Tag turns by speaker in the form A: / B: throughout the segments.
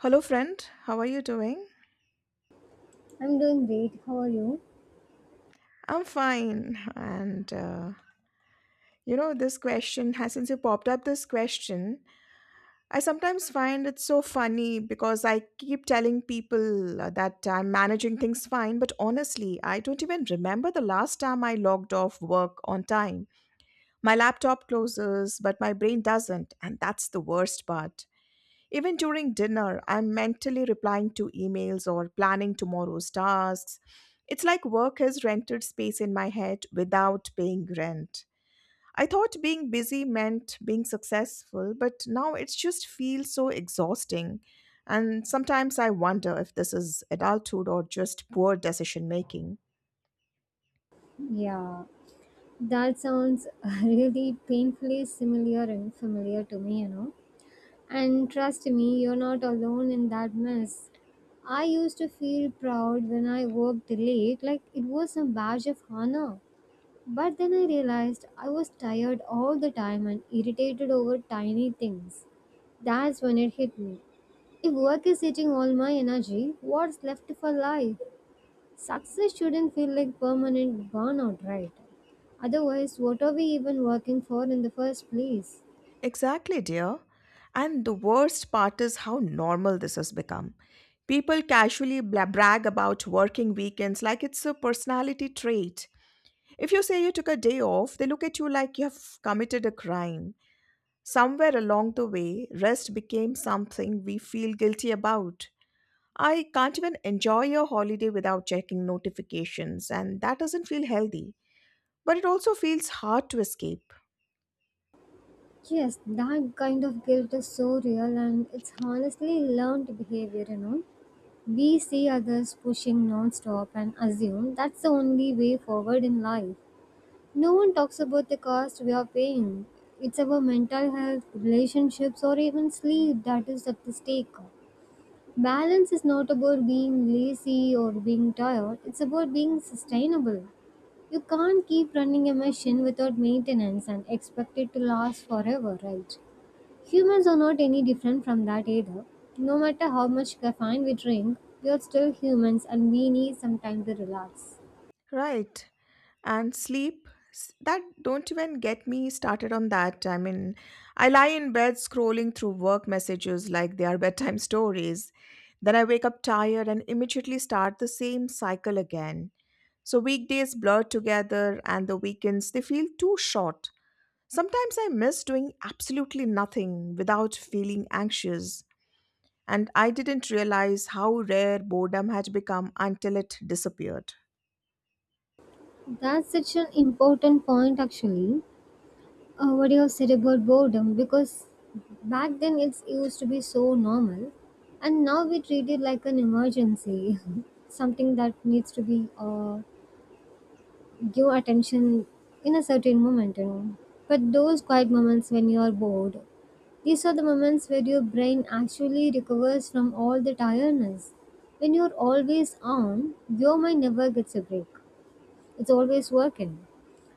A: Hello, friend. How are you doing?
B: I'm doing great. How are you?
A: I'm fine. This question has since you popped up this question, I sometimes find it so funny because I keep telling people that I'm managing things fine, but honestly, I don't even remember the last time I logged off work on time. My laptop closes, but my brain doesn't, and that's the worst part. Even during dinner, I'm mentally replying to emails or planning tomorrow's tasks. It's like work has rented space in my head without paying rent. I thought being busy meant being successful, but now it just feels so exhausting. And sometimes I wonder if this is adulthood or just poor decision making.
B: Yeah, that sounds really painfully similar and familiar to me. And trust me, you're not alone in that mess. I used to feel proud when I worked late, like it was a badge of honor. But then I realized I was tired all the time and irritated over tiny things. That's when it hit me. If work is eating all my energy, what's left for life? Success shouldn't feel like permanent burnout, right? Otherwise, what are we even working for in the first place?
A: Exactly, dear. And the worst part is how normal this has become. People casually brag about working weekends like it's a personality trait. If you say you took a day off, they look at you like you've committed a crime. Somewhere along the way, rest became something we feel guilty about. I can't even enjoy a holiday without checking notifications, and that doesn't feel healthy. But it also feels hard to escape.
B: Yes, that kind of guilt is so real and it's honestly learned behavior. We see others pushing non-stop and assume that's the only way forward in life. No one talks about the cost we are paying. It's our mental health, relationships, or even sleep that is at the stake. Balance is not about being lazy or being tired, it's about being sustainable. You can't keep running a machine without maintenance and expect it to last forever, right? Humans are not any different from that either. No matter how much caffeine we drink, we are still humans and we need some time to relax.
A: Right. And sleep, that don't even get me started on that. I mean, I lie in bed scrolling through work messages like they are bedtime stories. Then I wake up tired and immediately start the same cycle again. So weekdays blur together and the weekends, they feel too short. Sometimes I miss doing absolutely nothing without feeling anxious. And I didn't realize how rare boredom had become until it disappeared.
B: That's such an important point, actually. What you have said about boredom, because back then it used to be so normal, and now we treat it like an emergency, something that needs to be give attention in a certain moment. But those quiet moments when you are bored, these are the moments where your brain actually recovers from all the tiredness. When you're always on, your mind never gets a break. It's always working.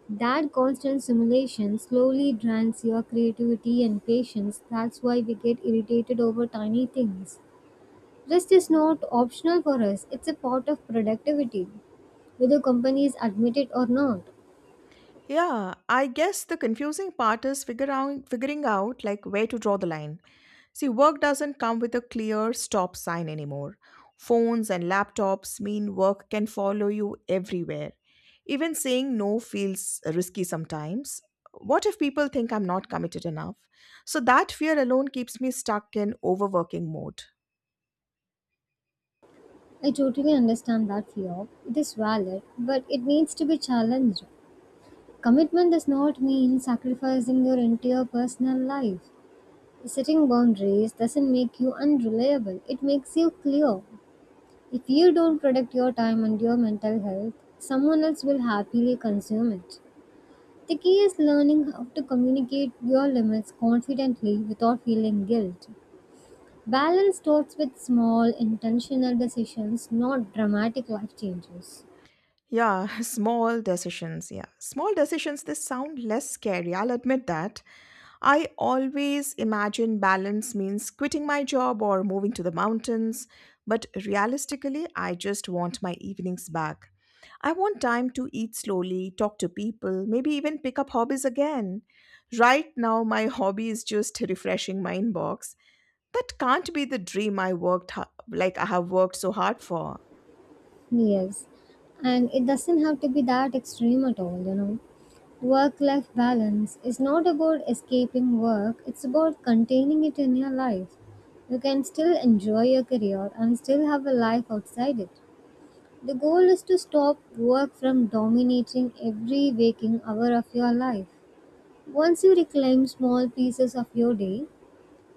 B: That constant simulation slowly drains your creativity and patience. That's why we get irritated over tiny things. Rest is not optional for us, it's a part of productivity, whether companies admit it or not.
A: Yeah, I guess the confusing part is figuring out like where to draw the line. See, work doesn't come with a clear stop sign anymore. Phones and laptops mean work can follow you everywhere. Even saying no feels risky sometimes. What if people think I'm not committed enough? So that fear alone keeps me stuck in overworking mode.
B: I totally understand that fear. It is valid, but it needs to be challenged. Commitment does not mean sacrificing your entire personal life. Setting boundaries doesn't make you unreliable, it makes you clear. If you don't protect your time and your mental health, someone else will happily consume it. The key is learning how to communicate your limits confidently without feeling guilt. Balance starts with small, intentional decisions, not dramatic life changes.
A: Yeah, small decisions. They sound less scary. I'll admit that. I always imagine balance means quitting my job or moving to the mountains, but realistically, I just want my evenings back. I want time to eat slowly, talk to people, maybe even pick up hobbies again. Right now, my hobby is just refreshing my inbox. That can't be the dream I worked ha- like I have worked so hard for.
B: Yes, and it doesn't have to be that extreme at all. Work life balance is not about escaping work, it's about containing it in your life. You can still enjoy your career and still have a life outside it. The goal is to stop work from dominating every waking hour of your life. Once you reclaim small pieces of your day,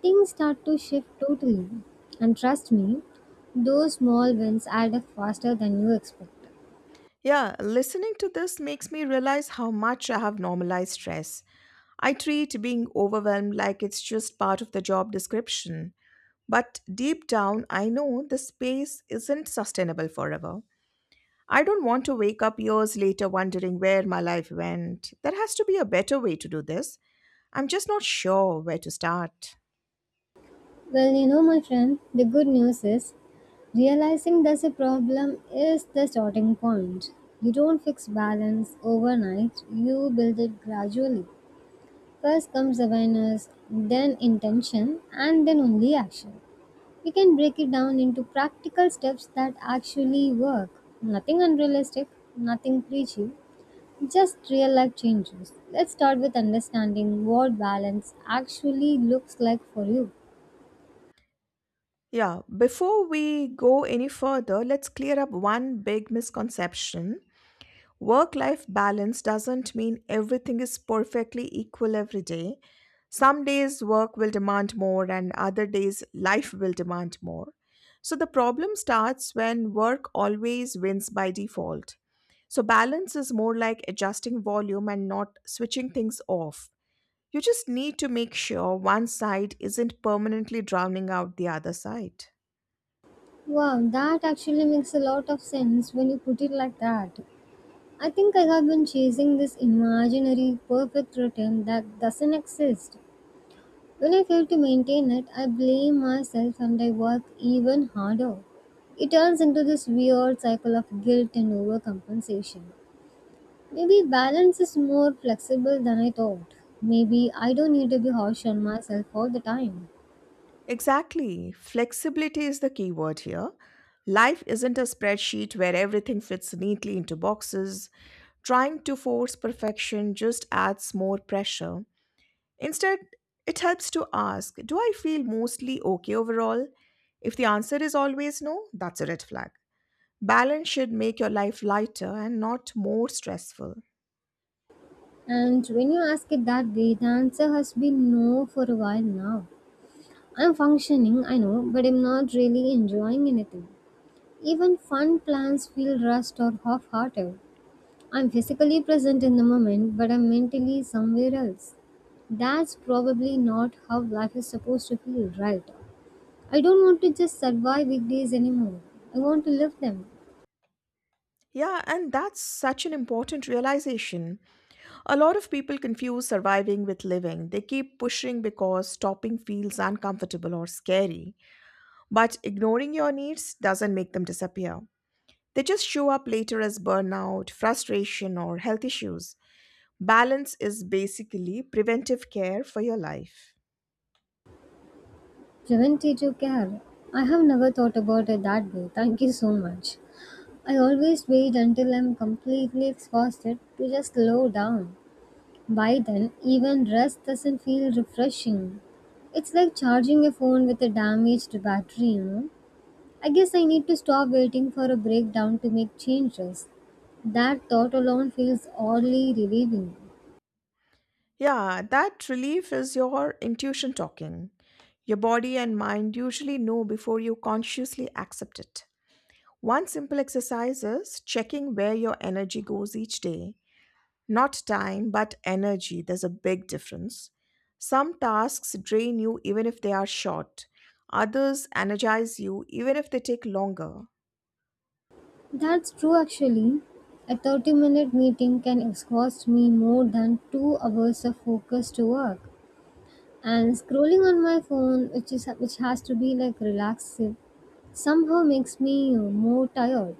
B: things start to shift totally. And trust me, those small wins add up faster than you expect.
A: Yeah, listening to this makes me realize how much I have normalized stress. I treat being overwhelmed like it's just part of the job description. But deep down, I know the space isn't sustainable forever. I don't want to wake up years later wondering where my life went. There has to be a better way to do this. I'm just not sure where to start.
B: Well, my friend, the good news is realizing there's a problem is the starting point. You don't fix balance overnight, you build it gradually. First comes awareness, then intention, and then only action. We can break it down into practical steps that actually work. Nothing unrealistic, nothing preachy, just real life changes. Let's start with understanding what balance actually looks like for you.
A: Yeah, before we go any further, let's clear up one big misconception. Work life balance doesn't mean everything is perfectly equal every day. Some days work will demand more, and other days life will demand more. So the problem starts when work always wins by default. So balance is more like adjusting volume and not switching things off. You just need to make sure one side isn't permanently drowning out the other side.
B: Wow, that actually makes a lot of sense when you put it like that. I think I have been chasing this imaginary perfect routine that doesn't exist. When I fail to maintain it, I blame myself and I work even harder. It turns into this weird cycle of guilt and overcompensation. Maybe balance is more flexible than I thought. Maybe I don't need to be harsh on myself all the time.
A: Exactly. Flexibility is the key word here. Life isn't a spreadsheet where everything fits neatly into boxes. Trying to force perfection just adds more pressure. Instead, it helps to ask, do I feel mostly okay overall? If the answer is always no, that's a red flag. Balance should make your life lighter and not more stressful.
B: And when you ask it that way, the answer has been no for a while now. I'm functioning, I know, but I'm not really enjoying anything. Even fun plans feel rushed or half hearted. I'm physically present in the moment, but I'm mentally somewhere else. That's probably not how life is supposed to feel, right? I don't want to just survive weekdays anymore. I want to live them.
A: Yeah, and that's such an important realization. A lot of people confuse surviving with living. They keep pushing because stopping feels uncomfortable or scary. But ignoring your needs doesn't make them disappear. They just show up later as burnout, frustration, or health issues. Balance is basically preventive care for your life.
B: Preventative care. I have never thought about it that way. Thank you so much. I always wait until I'm completely exhausted to just slow down. By then, even rest doesn't feel refreshing. It's like charging a phone with a damaged battery. I guess I need to stop waiting for a breakdown to make changes. That thought alone feels oddly relieving.
A: Yeah, that relief is your intuition talking. Your body and mind usually know before you consciously accept it. One simple exercise is checking where your energy goes each day. Not time, but energy. There's a big difference. Some tasks drain you even if they are short, others energize you even if they take longer.
B: That's true actually. A 30-minute meeting can exhaust me more than 2 hours of focused work. And scrolling on my phone, which is which has to be like relaxing, somehow makes me more tired.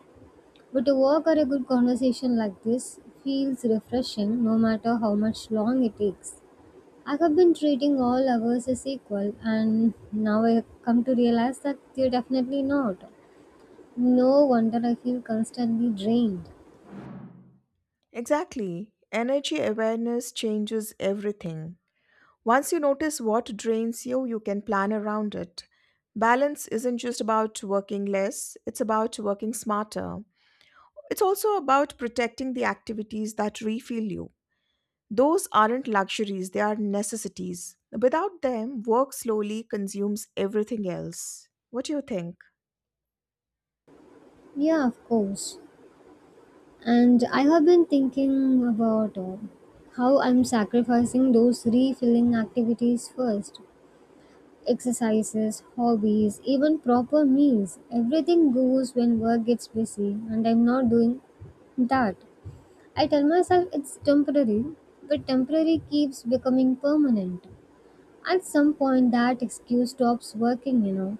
B: But a walk or a good conversation like this feels refreshing no matter how much long it takes. I have been treating all hours as equal, and now I come to realize that they're definitely not. No wonder I feel constantly drained.
A: Exactly. Energy awareness changes everything. Once you notice what drains you, you can plan around it. Balance isn't just about working less, it's about working smarter. It's also about protecting the activities that refill you. Those aren't luxuries, they are necessities. Without them, work slowly consumes everything else. What do you think?
B: Yeah, of course. And I have been thinking about how I'm sacrificing those refilling activities first. Exercises, hobbies, even proper meals, everything goes when work gets busy, and I'm not doing that. I tell myself it's temporary, but temporary keeps becoming permanent. At some point, that excuse stops working.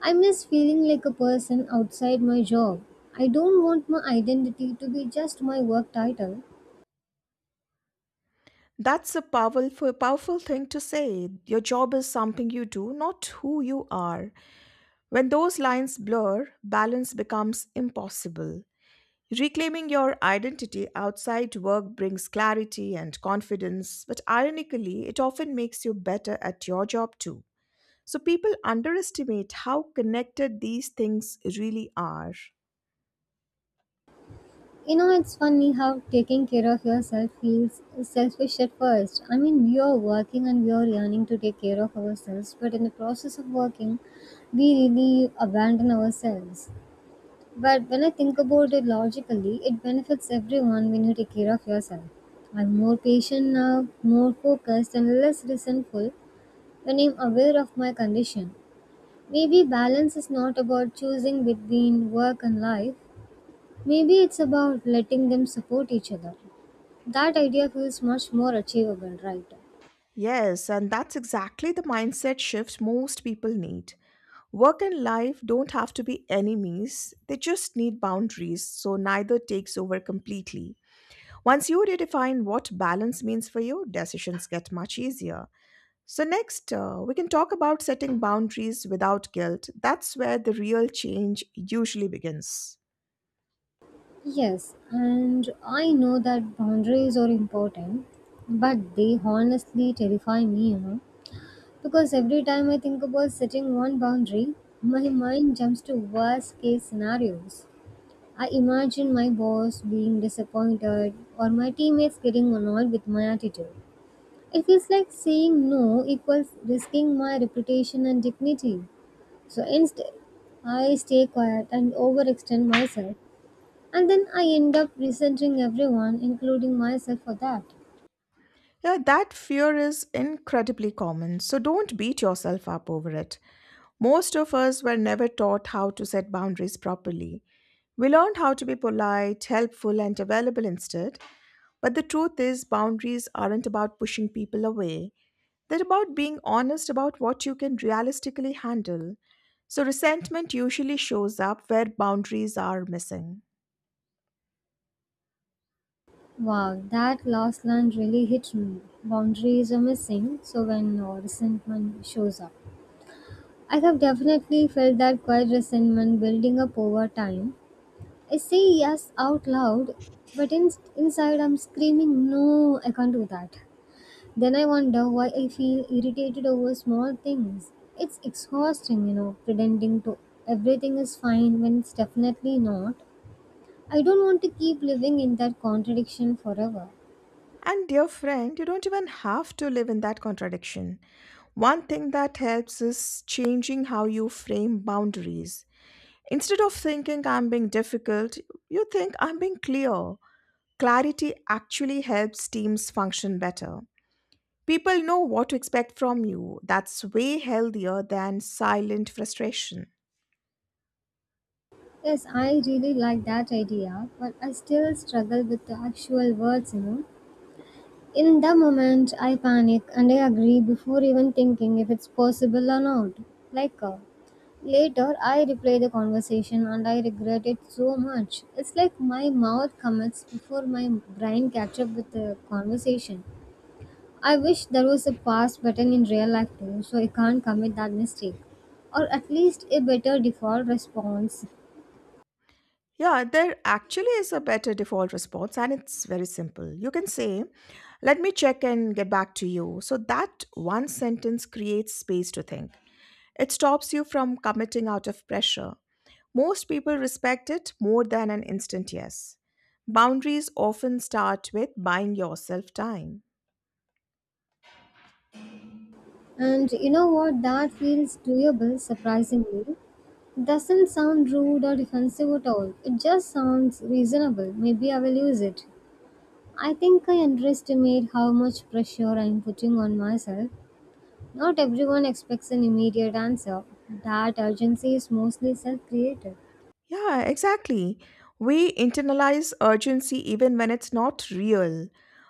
B: I miss feeling like a person outside my job. I don't want my identity to be just my work title.
A: That's a powerful thing to say. Your job is something you do, not who you are. When those lines blur, balance becomes impossible. Reclaiming your identity outside work brings clarity and confidence, but ironically, it often makes you better at your job too. So people underestimate how connected these things really are.
B: It's funny how taking care of yourself feels selfish at first. I mean, we are working and we are yearning to take care of ourselves, but in the process of working, we really abandon ourselves. But when I think about it logically, it benefits everyone when you take care of yourself. I'm more patient now, more focused, and less resentful when I'm aware of my condition. Maybe balance is not about choosing between work and life, maybe it's about letting them support each other. That idea feels much more achievable, right?
A: Yes, and that's exactly the mindset shift most people need. Work and life don't have to be enemies, they just need boundaries, so neither takes over completely. Once you redefine what balance means for you, decisions get much easier. So, next, we can talk about setting boundaries without guilt. That's where the real change usually begins.
B: Yes, and I know that boundaries are important, but they honestly terrify me. Because every time I think about setting one boundary, my mind jumps to worst case scenarios. I imagine my boss being disappointed or my teammates getting annoyed with my attitude. It feels like saying no equals risking my reputation and dignity. So instead, I stay quiet and overextend myself. And then I end up resenting everyone, including myself, for that.
A: Yeah, that fear is incredibly common, so don't beat yourself up over it. Most of us were never taught how to set boundaries properly. We learned how to be polite, helpful, and available instead, but the truth is, boundaries aren't about pushing people away. They're about being honest about what you can realistically handle. So, resentment usually shows up where boundaries are missing.
B: Wow, that last line really hit me. Boundaries are missing, so when resentment shows up. I have definitely felt that quiet resentment building up over time. I say yes out loud, but inside I'm screaming, no, I can't do that. Then I wonder why I feel irritated over small things. It's exhausting, pretending to everything is fine when it's definitely not. I don't want to keep living in that contradiction forever.
A: And dear friend, you don't even have to live in that contradiction. One thing that helps is changing how you frame boundaries. Instead of thinking I'm being difficult, you think I'm being clear. Clarity actually helps teams function better. People know what to expect from you. That's way healthier than silent frustration.
B: Yes, I really like that idea, but I still struggle with the actual words. In the moment, I panic and I agree before even thinking if it's possible or not. Like, later I replay the conversation and I regret it so much. It's like my mouth commits before my brain catch up with the conversation. I wish there was a pause button in real life too, so I can't commit that mistake. Or at least a better default response
A: Yeah, there actually is a better default response, and it's very simple. You can say, let me check and get back to you. So that one sentence creates space to think. It stops you from committing out of pressure. Most people respect it more than an instant yes. Boundaries often start with buying yourself time.
B: And you know what? That feels doable, surprisingly. Doesn't sound rude or defensive at all. It just sounds reasonable. Maybe I will use it. I think I underestimate how much pressure I'm putting on myself. Not everyone expects an immediate answer. That urgency is mostly self created.
A: Yeah, exactly. We internalize urgency even when it's not real.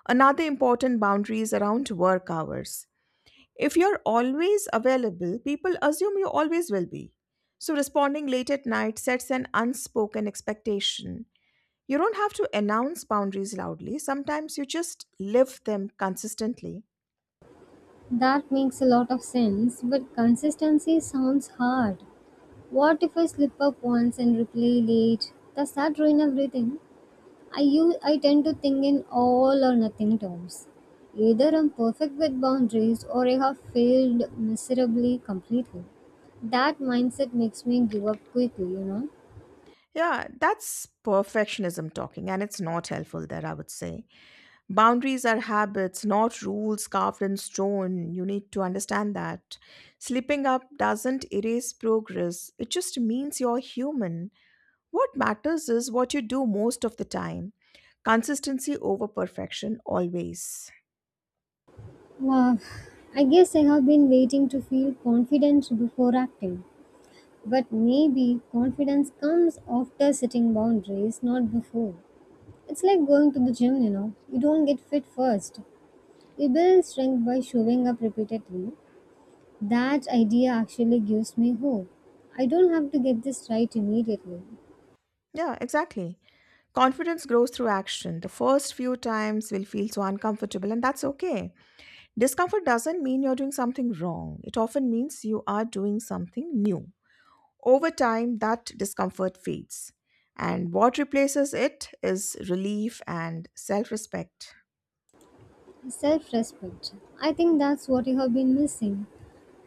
A: Another important boundary is around work hours. If you're always available, people assume you always will be. So responding late at night sets an unspoken expectation. You don't have to announce boundaries loudly, sometimes you just live them consistently.
B: That makes a lot of sense, but consistency sounds hard. What if I slip up once and reply late? Does that ruin everything? I tend to think in all or nothing terms. Either I'm perfect with boundaries or I have failed miserably completely. That mindset makes me give up quickly.
A: Yeah, that's perfectionism talking, and it's not helpful there, I would say. Boundaries are habits, not rules carved in stone. You need to understand that. Slipping up doesn't erase progress, it just means you're human. What matters is what you do most of the time. Consistency over perfection always.
B: Wow. I guess I have been waiting to feel confident before acting. But maybe confidence comes after setting boundaries, not before. It's like going to the gym, you know. You don't get fit first. You build strength by showing up repeatedly, That idea actually gives me hope. I don't have to get this right immediately.
A: Yeah, exactly. Confidence grows through action. The first few times will feel so uncomfortable, and that's okay. Discomfort doesn't mean you're doing something wrong, it often means you are doing something new. Over time, that discomfort fades, and what replaces it is relief and self respect.
B: Self respect. I think that's what I have been missing.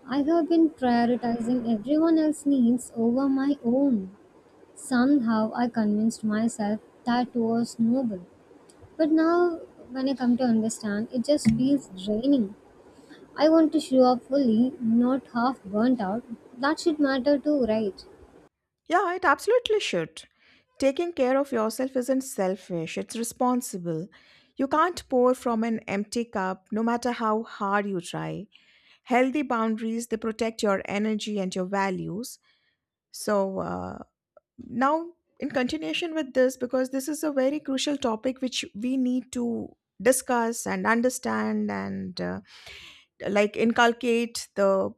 B: I have been prioritizing everyone else's needs over my own. Somehow I convinced myself that was noble. But now, when I come to understand, it just feels draining. I want to show up fully, not half burnt out. That should matter too, right?
A: Yeah, it absolutely should. Taking care of yourself isn't selfish, it's responsible. You can't pour from an empty cup no matter how hard you try. Healthy boundaries, they protect your energy and your values. So, now in continuation with this, because this is a very crucial topic which we need to discuss and understand, and like inculcate the,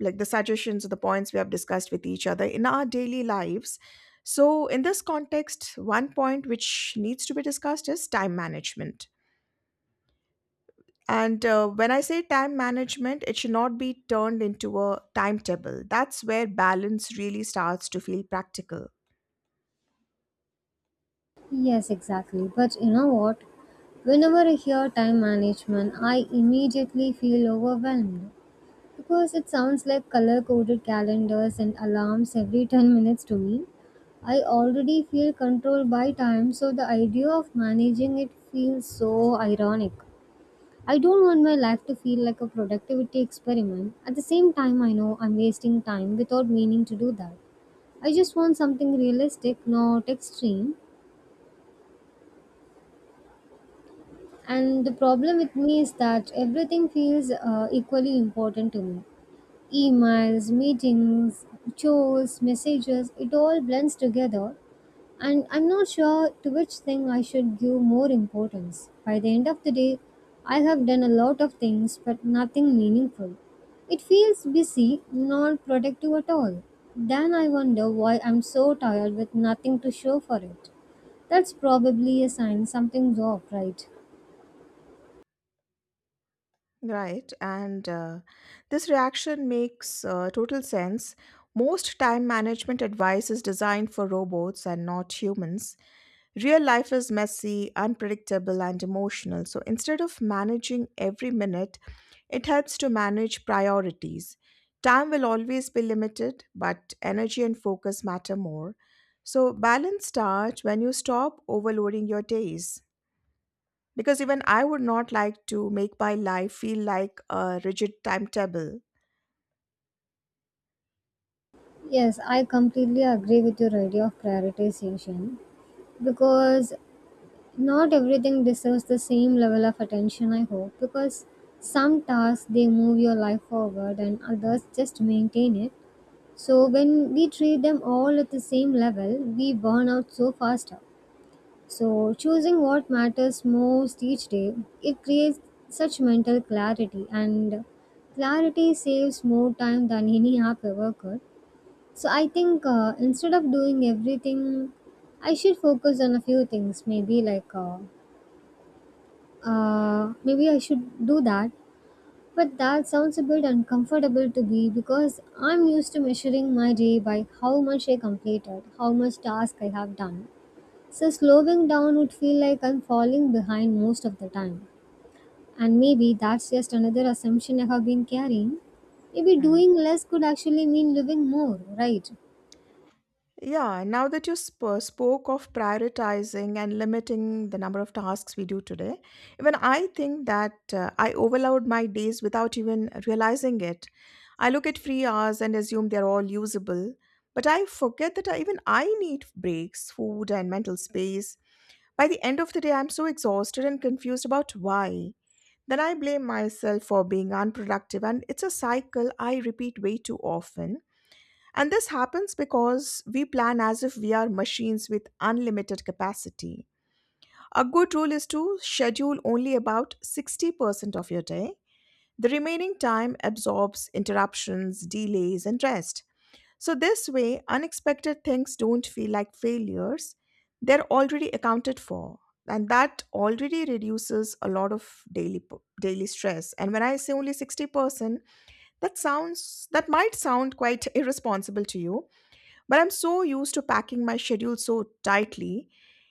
A: like the suggestions or the points we have discussed with each other in our daily lives. So, in this context, one point which needs to be discussed is time management. And when I say time management, it should not be turned into a timetable. That's where balance really starts to feel practical.
B: Yes, exactly. But you know what? Whenever I hear time management, I immediately feel overwhelmed because it sounds like color coded calendars and alarms every 10 minutes to me. I already feel controlled by time, so the idea of managing it feels so ironic. I don't want my life to feel like a productivity experiment. At the same time, I know I'm wasting time without meaning to do that. I just want something realistic, not extreme, and the problem with me is that everything feels equally important to me. Emails, meetings, chores, messages, it all blends together. And I'm not sure to which thing I should give more importance. By the end of the day, I have done a lot of things, but nothing meaningful. It feels busy, not productive at all. Then I wonder why I'm so tired with nothing to show for it. That's probably a sign something's off, right?
A: Right. And this reaction makes total sense. Most time management advice is designed for robots and not humans. Real life is messy, unpredictable, and emotional, so instead of managing every minute, it helps to manage priorities. Time will always be limited, but energy and focus matter more. So, balance starts when you stop overloading your days. Because even I would not like to make my life feel like a rigid timetable.
B: Yes, I completely agree with your idea of prioritization because not everything deserves the same level of attention, I hope. Because some tasks they move your life forward and others just maintain it. So, when we treat them all at the same level, we burn out so faster. So, choosing what matters most each day, it creates such mental clarity, and clarity saves more time than any app ever could, so I think instead of doing everything, I should focus on a few things. Maybe I should do that. But that sounds a bit uncomfortable to me because I'm used to measuring my day by how much I completed, how much task I have done. So slowing down would feel like I'm falling behind most of the time. And maybe that's just another assumption I have been carrying. Maybe
A: Hmm.
B: doing less could actually mean living more, right?
A: Yeah, now that you spoke of prioritizing and limiting the number of tasks we do today, even I think that I overload my days without even realizing it. I look at free hours and assume they're all usable, but I forget that even I need breaks, food, and mental space. By the end of the day, I'm so exhausted and confused about why. Then I blame myself for being unproductive, and it's a cycle I repeat way too often. And this happens because we plan as if we are machines with unlimited capacity. A good rule is to schedule only about 60% of your day. The remaining time absorbs interruptions, delays, and rest. So, this way, unexpected things don't feel like failures, they're already accounted for. And that already reduces a lot of daily stress. And when I say only 60%, that might sound quite irresponsible to you but I'm so used to packing my schedule so tightly.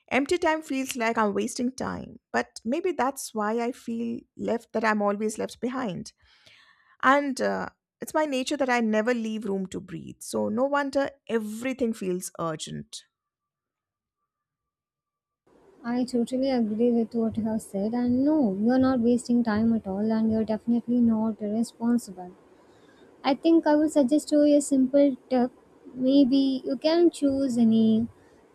A: Empty time feels like I'm wasting time. But maybe that's why I'm always left behind. And It's my nature that I never leave room to breathe. So no wonder everything feels urgent.
B: I totally agree with what you have said, and no, you are not wasting time at all, and you are definitely not irresponsible. I think I would suggest to you a simple tip. Maybe you can choose any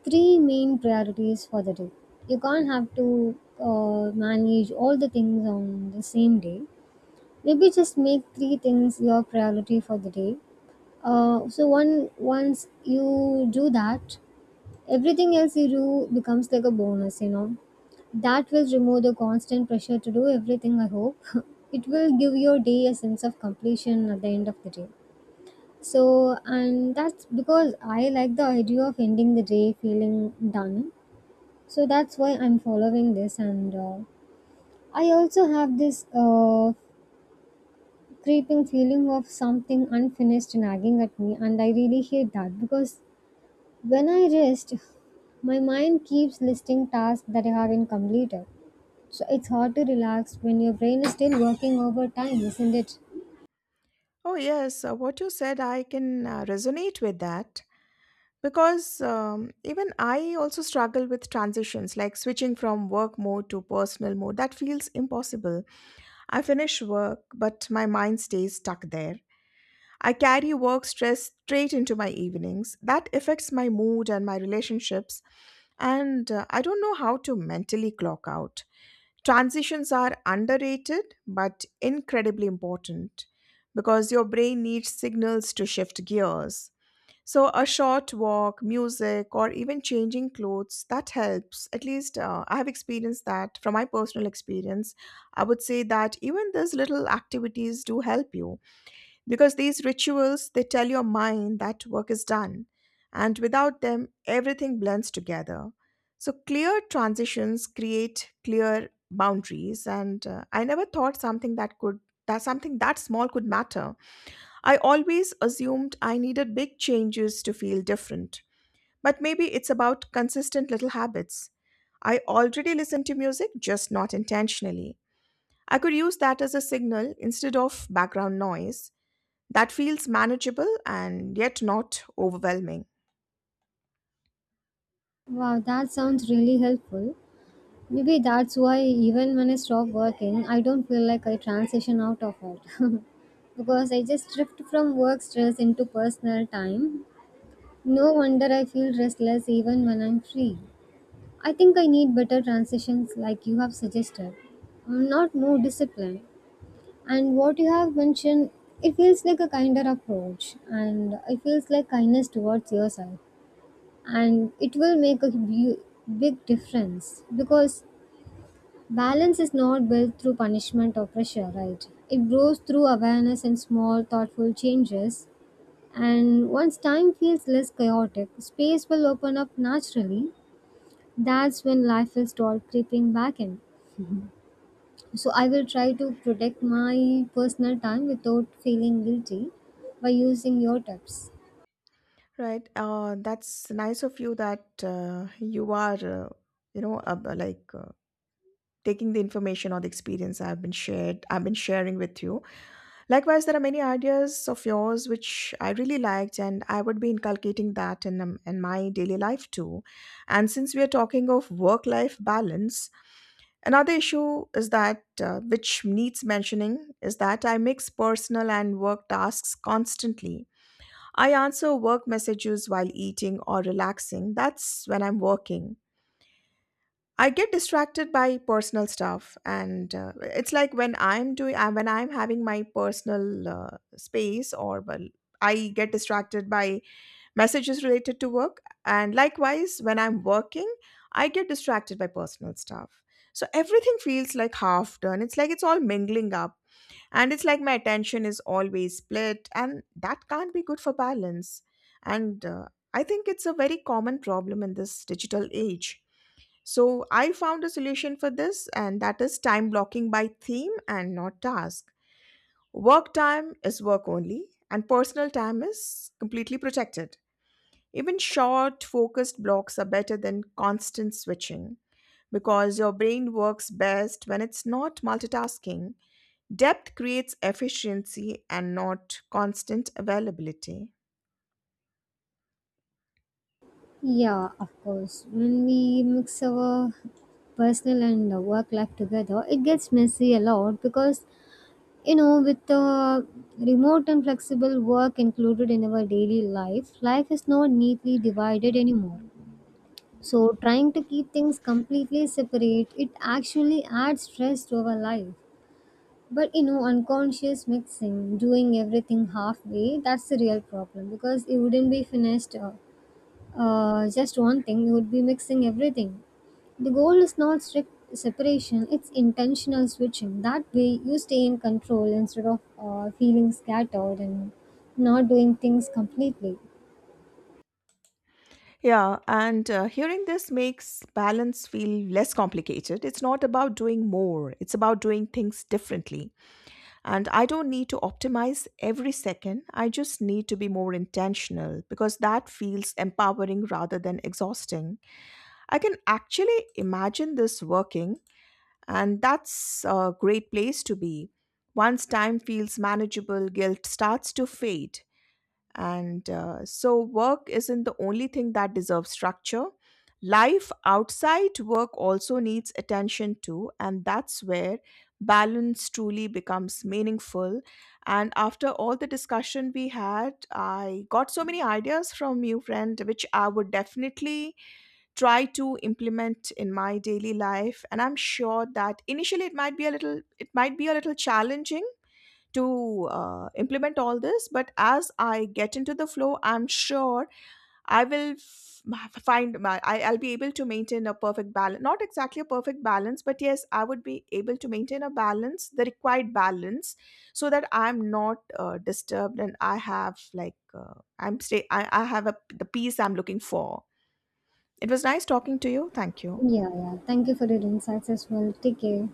B: three main priorities for the day. You can't have to manage all the things on the same day. Maybe just make three things your priority for the day. So one once you do that, everything else you do becomes like a bonus. That will remove the constant pressure to do everything, I hope. It will give your day a sense of completion at the end of the day. So, and that's because I like the idea of ending the day feeling done. So that's why I'm following this, and I also have this creeping feeling of something unfinished nagging at me, and I really hate that because when I rest, my mind keeps listing tasks that I haven't completed. So it's hard to relax when your brain is still working overtime, isn't it?
A: Oh, yes, what you said, I can resonate with that. Because even I also struggle with transitions like switching from work mode to personal mode. That feels impossible. I finish work, but my mind stays stuck there. I carry work stress straight into my evenings. That affects my mood and my relationships, and I don't know how to mentally clock out. Transitions are underrated but incredibly important because your brain needs signals to shift gears. So, a short walk, music, or even changing clothes, that helps. At least I have experienced that from my personal experience. I would say that even these little activities do help you because these rituals, they tell your mind that work is done. And without them, everything blends together. So, clear transitions create clear boundaries. And I never thought that something that small could matter. I always assumed I needed big changes to feel different, but maybe it's about consistent little habits. I already listen to music, just not intentionally. I could use that as a signal instead of background noise. That feels manageable and yet not overwhelming.
B: Wow, that sounds really helpful. Maybe that's why even when I stop working, I don't feel like I transition out of it. Because I just drift from work stress into personal time. No wonder I feel restless even when I'm free. I think I need better transitions like you have suggested. I'm not more disciplined. And what you have mentioned, it feels like a kinder approach, and it feels like kindness towards yourself. And it will make a big difference because balance is not built through punishment or pressure, right? It grows through awareness and small, thoughtful changes. And once time feels less chaotic, space will open up naturally. That's when life will start creeping back in. So I will try to protect my personal time without feeling guilty by using your tips.
A: Right. That's nice of you that you are, you know, like taking the information or the experience I've been shared, I've been sharing with you. Likewise, there are many ideas of yours which I really liked, and I would be inculcating that in my daily life too. And since we are talking of work life balance, another issue is that which needs mentioning is that I mix personal and work tasks constantly. I answer work messages while eating or relaxing, that's when I'm working. I get distracted by personal stuff, and it's like when I'm having my personal space, or well, I get distracted by messages related to work, and likewise when I'm working, I get distracted by personal stuff. So everything feels like half done. It's like it's all mingling up, and it's like my attention is always split, and that can't be good for balance. And I think it's a very common problem in this digital age, so I found a solution for this, and that is time blocking by theme and not task. Work time is work only, and personal time is completely protected. Even short, focused blocks are better than constant switching because your brain works best when it's not multitasking. Depth creates efficiency and not constant availability.
B: Yeah, of course. When we mix our personal and work life together, it gets messy a lot because, you know, with the remote and flexible work included in our daily life, life is not neatly divided anymore. So, trying to keep things completely separate, it actually adds stress to our life. But you know, unconscious mixing, doing everything halfway, that's the real problem because it wouldn't be finished just one thing, you would be mixing everything. The goal is not strict separation, it's intentional switching. That way, you stay in control instead of feeling scattered and not doing things completely.
A: Yeah, and hearing this makes balance feel less complicated. It's not about doing more, it's about doing things differently. And I don't need to optimize every second. I just need to be more intentional because that feels empowering rather than exhausting. I can actually imagine this working, and that's a great place to be. Once time feels manageable, guilt starts to fade. And so, work isn't the only thing that deserves structure. Life outside work also needs attention too, and that's where balance truly becomes meaningful. And after all the discussion we had, I got so many ideas from you, friend, which I would definitely try to implement in my daily life. And I'm sure that initially it might be a little challenging to implement all this, but as I get into the flow, I'm sure I will f- find my I, I'll be able to maintain a perfect balance not exactly a perfect balance, but yes, I would be able to maintain a balance the required balance, so that I'm not disturbed and I have like uh, I have the peace I'm looking for. It was nice talking to you. Thank you.
B: Yeah, yeah. Thank you for your insights as well. Take care.